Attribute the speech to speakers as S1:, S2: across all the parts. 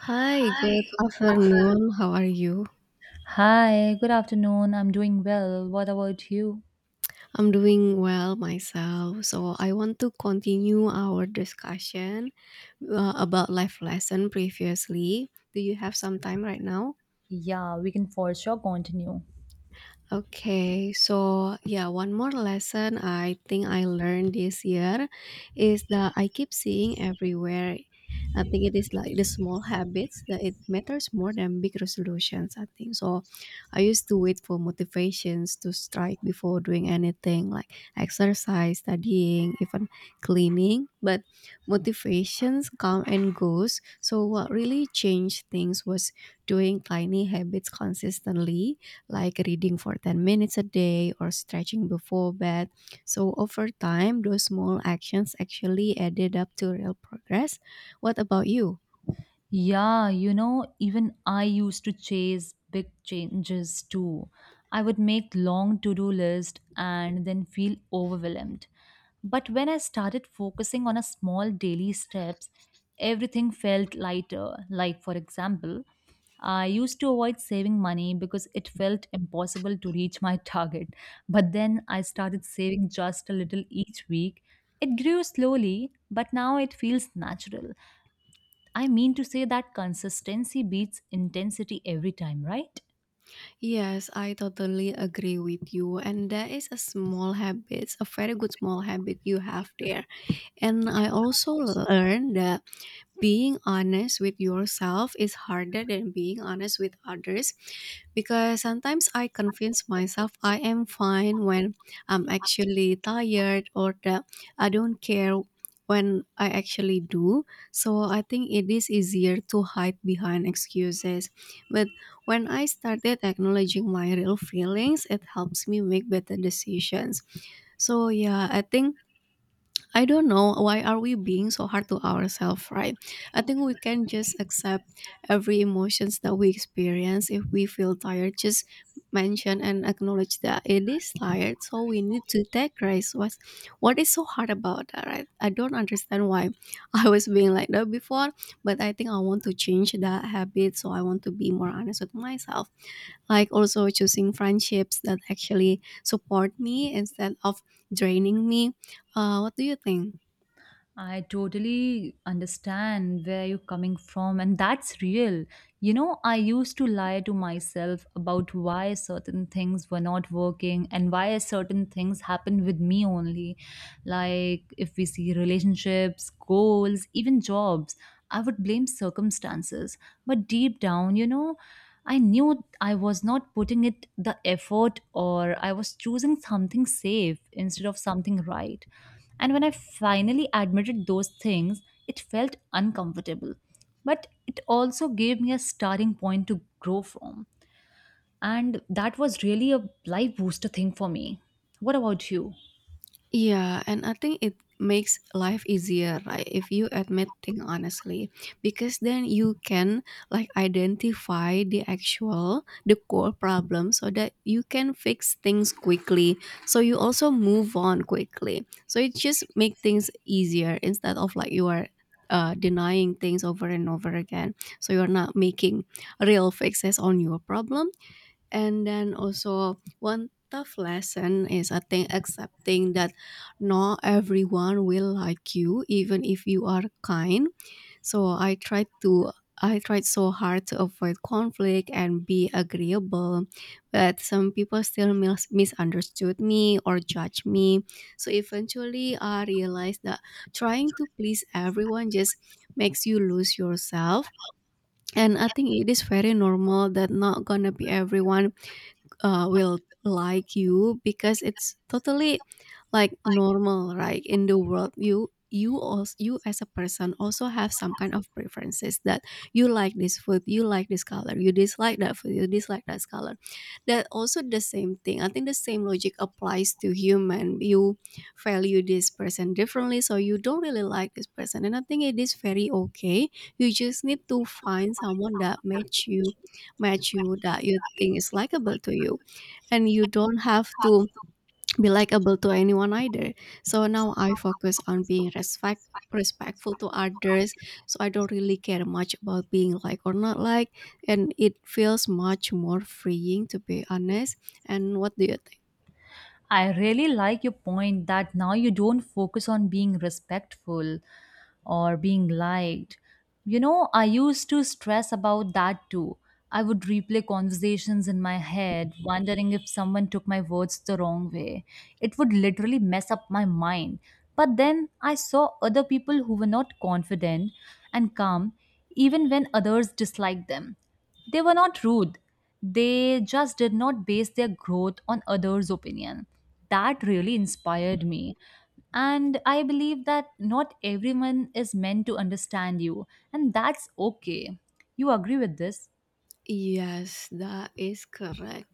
S1: Hi, good afternoon. How are you?
S2: Hi, good afternoon. I'm doing well. What about you?
S1: I'm doing well myself. So I want to continue our discussion about life lesson previously. Do you have some time right now?
S2: Yeah, we can for sure continue.
S1: Okay, so yeah, one more lesson I think I learned this year is that I keep seeing everywhere. I think it is like the small habits that it matters more than big resolutions, I think. So I used to wait for motivations to strike before doing anything like exercise, studying, even cleaning. But motivations come and goes. So what really changed things was doing tiny habits consistently like reading for 10 minutes a day or stretching before bed. So, over time, those small actions actually added up to real progress. What about you?
S2: Yeah, you know, even I used to chase big changes too. I would make long to-do list and then feel overwhelmed. But when I started focusing on a small daily steps, everything felt lighter. Like for example, I used to avoid saving money because it felt impossible to reach my target. But then I started saving just a little each week. It grew slowly, but now it feels natural. I mean to say that consistency beats intensity every time, right?
S1: Yes, I totally agree with you. And that is a small habit, a very good small habit you have there. And I also learned that being honest with yourself is harder than being honest with others because sometimes I convince myself I am fine when I'm actually tired or that I don't care when I actually do. So I think it is easier to hide behind excuses. But when I started acknowledging my real feelings, it helps me make better decisions. So yeah, I think I don't know why are we being so hard to ourselves, right? I think we can just accept every emotions that we experience. If we feel tired, just mention and acknowledge that it is tired. So we need to take rest. What is so hard about that, right? I don't understand why I was being like that before, but I think I want to change that habit. So I want to be more honest with myself. Like also choosing friendships that actually support me instead of draining me. What do you think?
S2: I totally understand where you're coming from, and that's real. You know, I used to lie to myself about why certain things were not working and why certain things happened with me only. Like, if we see relationships, goals, even jobs, I would blame circumstances. But deep down, you know, I knew I was not putting it the effort or I was choosing something safe instead of something right. And when I finally admitted those things, it felt uncomfortable. But it also gave me a starting point to grow from. And that was really a life booster thing for me. What about you?
S1: Yeah, and I think it makes life easier, right? If you admit things honestly, because then you can like identify the actual, the core problem so that you can fix things quickly. So you also move on quickly. So it just make things easier instead of like you are denying things over and over again. So you're not making real fixes on your problem. And then also one tough lesson is I think accepting that not everyone will like you even if you are kind. So I tried so hard to avoid conflict and be agreeable, but some people still misunderstood me or judged me. So eventually I realized that trying to please everyone just makes you lose yourself. And I think it is very normal that not gonna be everyone will like you because it's totally like normal, right, in the world. You also, you as a person, also have some kind of preferences that you like this food, you like this color, you dislike that food, you dislike that color. That also the same thing. I think the same logic applies to human. You value this person differently, so you don't really like this person, and I think it is very okay. You just need to find someone that match you that you think is likable to you, and you don't have to be likable to anyone either. So now I focus on being respectful to others, so I don't really care much about being like or not like, and it feels much more freeing, to be honest. And what do you think?
S2: I really like your point that now you don't focus on being respectful or being liked. You know, I used to stress about that too. I would replay conversations in my head, wondering if someone took my words the wrong way. It would literally mess up my mind. But then I saw other people who were not confident and calm, even when others disliked them. They were not rude. They just did not base their growth on others' opinion. That really inspired me. And I believe that not everyone is meant to understand you, and that's okay. You agree with this?
S1: Yes, that is correct.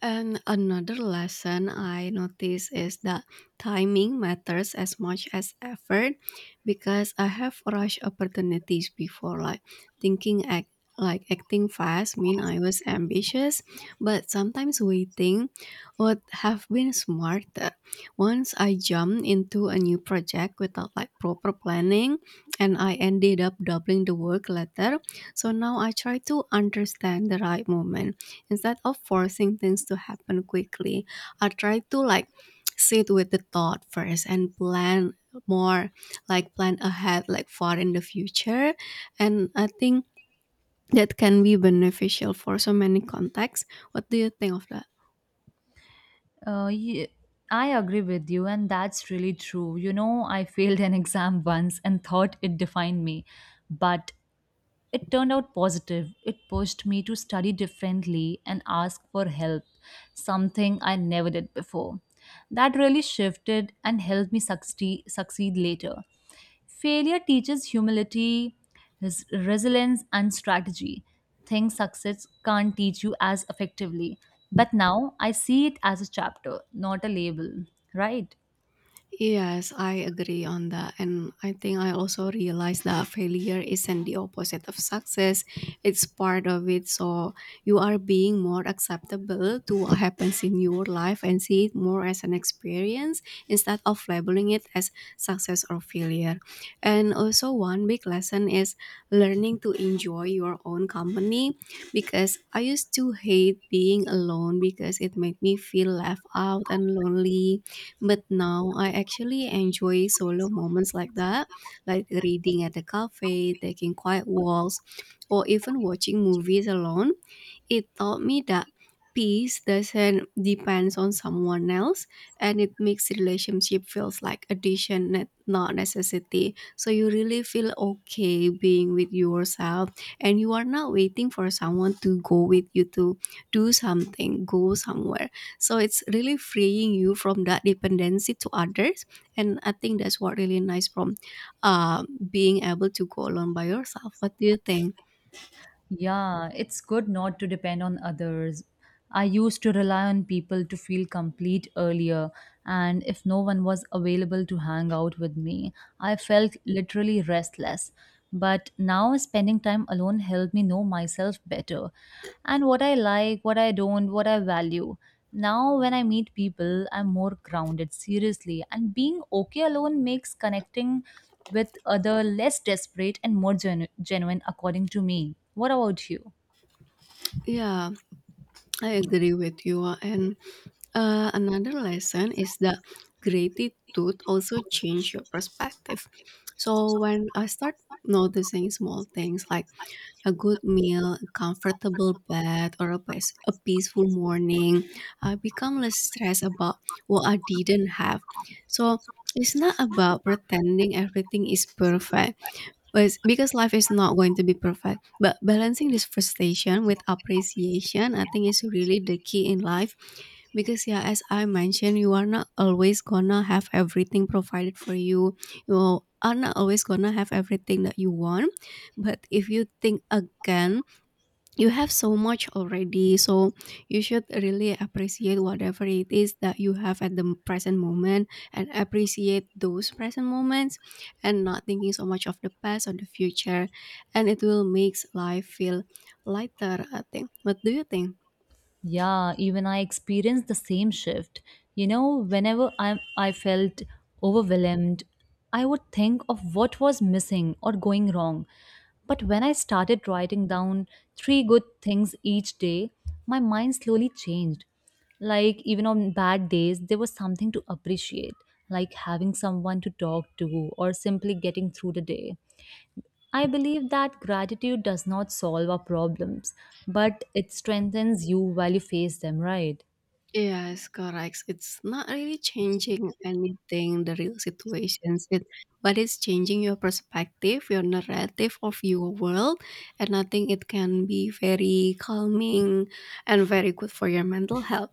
S1: And another lesson I notice is that timing matters as much as effort, because I have rushed opportunities before, like thinking, act like acting fast mean I was ambitious, but sometimes waiting would have been smarter. Once I jumped into a new project without like proper planning, and I ended up doubling the work later. So now I try to understand the right moment instead of forcing things to happen quickly. I try to like sit with the thought first and plan more, like plan ahead, like far in the future, and I think that can be beneficial for so many contexts. What do you think of that?
S2: Uh, ye- I agree with you, and that's really true. You know, I failed an exam once and thought it defined me, but it turned out positive. It pushed me to study differently and ask for help, something I never did before. That really shifted and helped me succeed later. Failure teaches humility, resilience, and strategy. Things success can't teach you as effectively. But now I see it as a chapter, not a label, right?
S1: Yes, I agree on that. And I think I also realized that failure isn't the opposite of success, it's part of it. So you are being more acceptable to what happens in your life and see it more as an experience instead of labeling it as success or failure. And also, one big lesson is learning to enjoy your own company, because I used to hate being alone because it made me feel left out and lonely, but now I actually enjoy solo moments like that, like reading at the cafe, taking quiet walks, or even watching movies alone. It taught me that peace doesn't depend on someone else, and it makes relationship feels like addition, not necessity. So you really feel okay being with yourself, and you are not waiting for someone to go with you to do something, go somewhere. So it's really freeing you from that dependency to others, and I think that's what really nice from uh, being able to go alone by yourself. What do you think?
S2: Yeah, it's good not to depend on others. I used to rely on people to feel complete earlier, and if no one was available to hang out with me, I felt literally restless. But now spending time alone helped me know myself better and what I like, what I don't, what I value. Now, when I meet people, I'm more grounded, seriously, and being okay alone makes connecting with other less desperate and more genuine according to me. What about you?
S1: Yeah, I agree with you. And another lesson is that gratitude also change your perspective. So when I start noticing small things like a good meal, a comfortable bed, or a peaceful morning, I become less stressed about what I didn't have. So it's not about pretending everything is perfect, was, because life is not going to be perfect, but balancing this frustration with appreciation, I think, is really the key in life. Because yeah, as I mentioned, you are not always gonna have everything provided for you. You are not always gonna have everything that you want, but if you think again, you have so much already. So you should really appreciate whatever it is that you have at the present moment, and appreciate those present moments, and not thinking so much of the past or the future, and it will make life feel lighter, I think. What do you think?
S2: Yeah, even I experienced the same shift. You know, whenever I felt overwhelmed, I would think of what was missing or going wrong. But when I started writing down three good things each day, my mind slowly changed. Like even on bad days there was something to appreciate, like having someone to talk to or simply getting through the day. I believe that gratitude does not solve our problems, but it strengthens you while you face them, right?
S1: Yes, correct. It's not really changing anything, the real situations, it, but it's changing your perspective, your narrative of your world, and I think it can be very calming and very good for your mental health.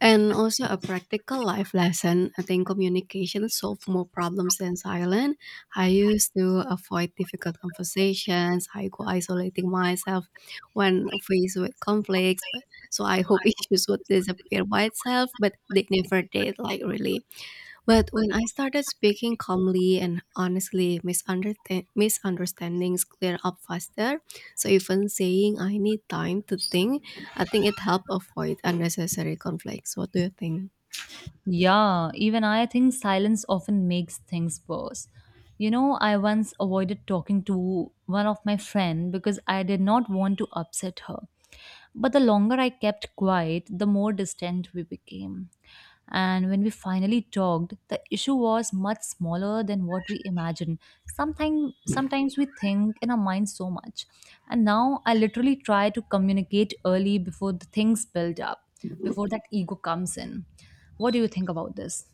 S1: And also a practical life lesson. I think communication solve more problems than silence. I used to avoid difficult conversations. I go isolating myself when faced with conflicts. But so I hope issues would disappear by itself, but they never did. Like really. But when I started speaking calmly and honestly, misunderstandings clear up faster. So even saying I need time to think, I think it helped avoid unnecessary conflicts. What do you think?
S2: Yeah, even I think silence often makes things worse. You know, I once avoided talking to one of my friend because I did not want to upset her. But the longer I kept quiet, the more distant we became. And when we finally talked, the issue was much smaller than what we imagined. Sometimes we think in our minds so much. And now I literally try to communicate early before the things build up, before that ego comes in. What do you think about this?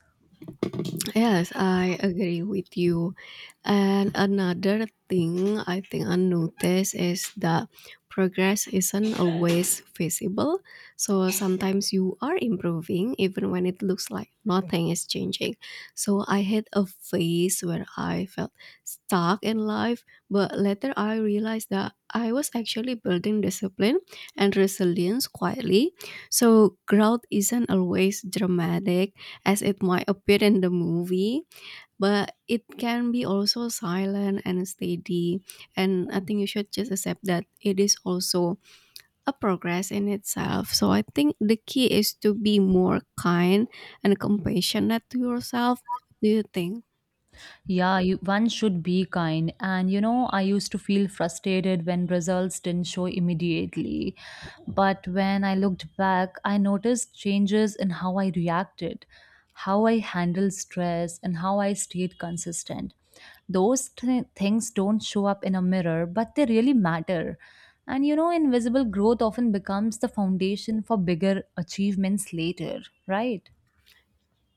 S1: Yes, I agree with you. And another thing I think I noticed is that progress isn't always visible. So sometimes you are improving even when it looks like nothing is changing. So I had a phase where I felt stuck in life, but later I realized that I was actually building discipline and resilience quietly. So growth isn't always dramatic as it might appear in the movie, but it can be also silent and steady. And I think you should just accept that it is also a progress in itself. So I think the key is to be more kind and compassionate to yourself. Do you think?
S2: Yeah, you, one should be kind. And you know, I used to feel frustrated when results didn't show immediately. But when I looked back, I noticed changes in how I reacted, how I handled stress, and how I stayed consistent. Those things don't show up in a mirror, but they really matter. And you know, invisible growth often becomes the foundation for bigger achievements later, right?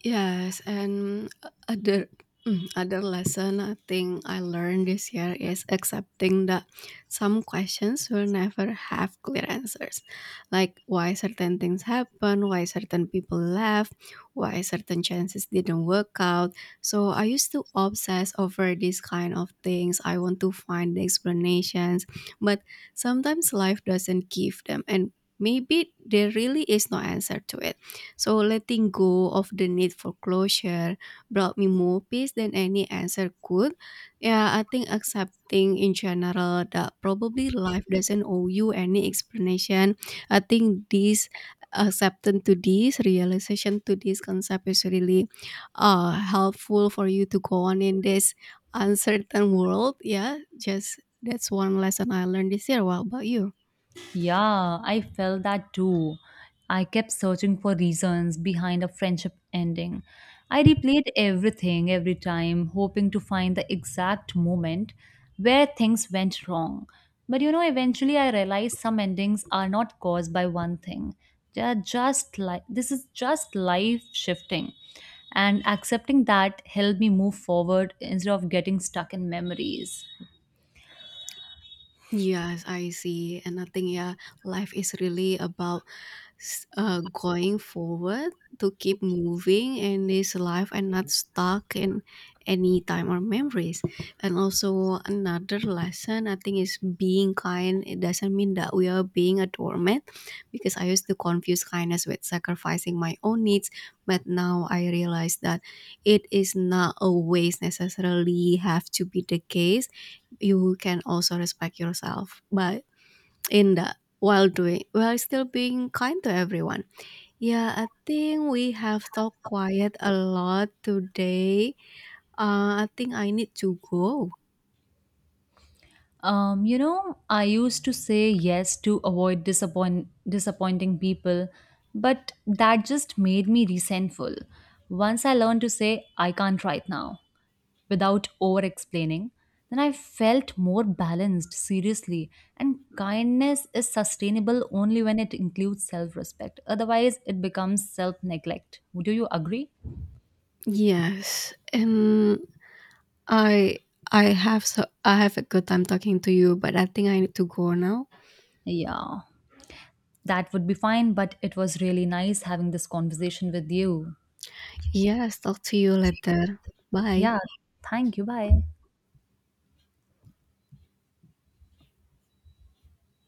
S1: Yes, and other lesson I think I learned this year is accepting that some questions will never have clear answers. Like why certain things happen, why certain people left, why certain chances didn't work out. So I used to obsess over these kind of things. I want to find the explanations, but sometimes life doesn't give them, and maybe there really is no answer to it. So letting go of the need for closure brought me more peace than any answer could. Yeah, I think accepting in general that probably life doesn't owe you any explanation. I think this acceptance to this realization to this concept is really helpful for you to go on in this uncertain world. Yeah, just that's one lesson I learned this year. What about you?
S2: Yeah, I felt that too. I kept searching for reasons behind a friendship ending. I replayed everything every time, hoping to find the exact moment where things went wrong. But you know, eventually I realized some endings are not caused by one thing. They are just like this is just life shifting. And accepting that helped me move forward instead of getting stuck in memories.
S1: Yes, I see. And I think yeah, life is really about going forward to keep moving in this life and not stuck in any time or memories. And also another lesson I think is being kind. It doesn't mean that we are being a doormat, because I used to confuse kindness with sacrificing my own needs. But now I realize that it is not always necessarily have to be the case. You can also respect yourself by, in that while doing, while still being kind to everyone. Yeah, I think we have talked quiet a lot today. I think I need to go.
S2: You know, I used to say yes to avoid disappointing people, but that just made me resentful. Once I learned to say I can't right now without over explaining, then I felt more balanced, seriously. And kindness is sustainable only when it includes self-respect. Otherwise, it becomes self-neglect. Do you agree?
S1: Yes, and I I have a good time talking to you, but I think I need to go now.
S2: Yeah, that would be fine, but it was really nice having this conversation with you.
S1: Yes, talk to you later. Bye.
S2: Yeah. Thank you. Bye.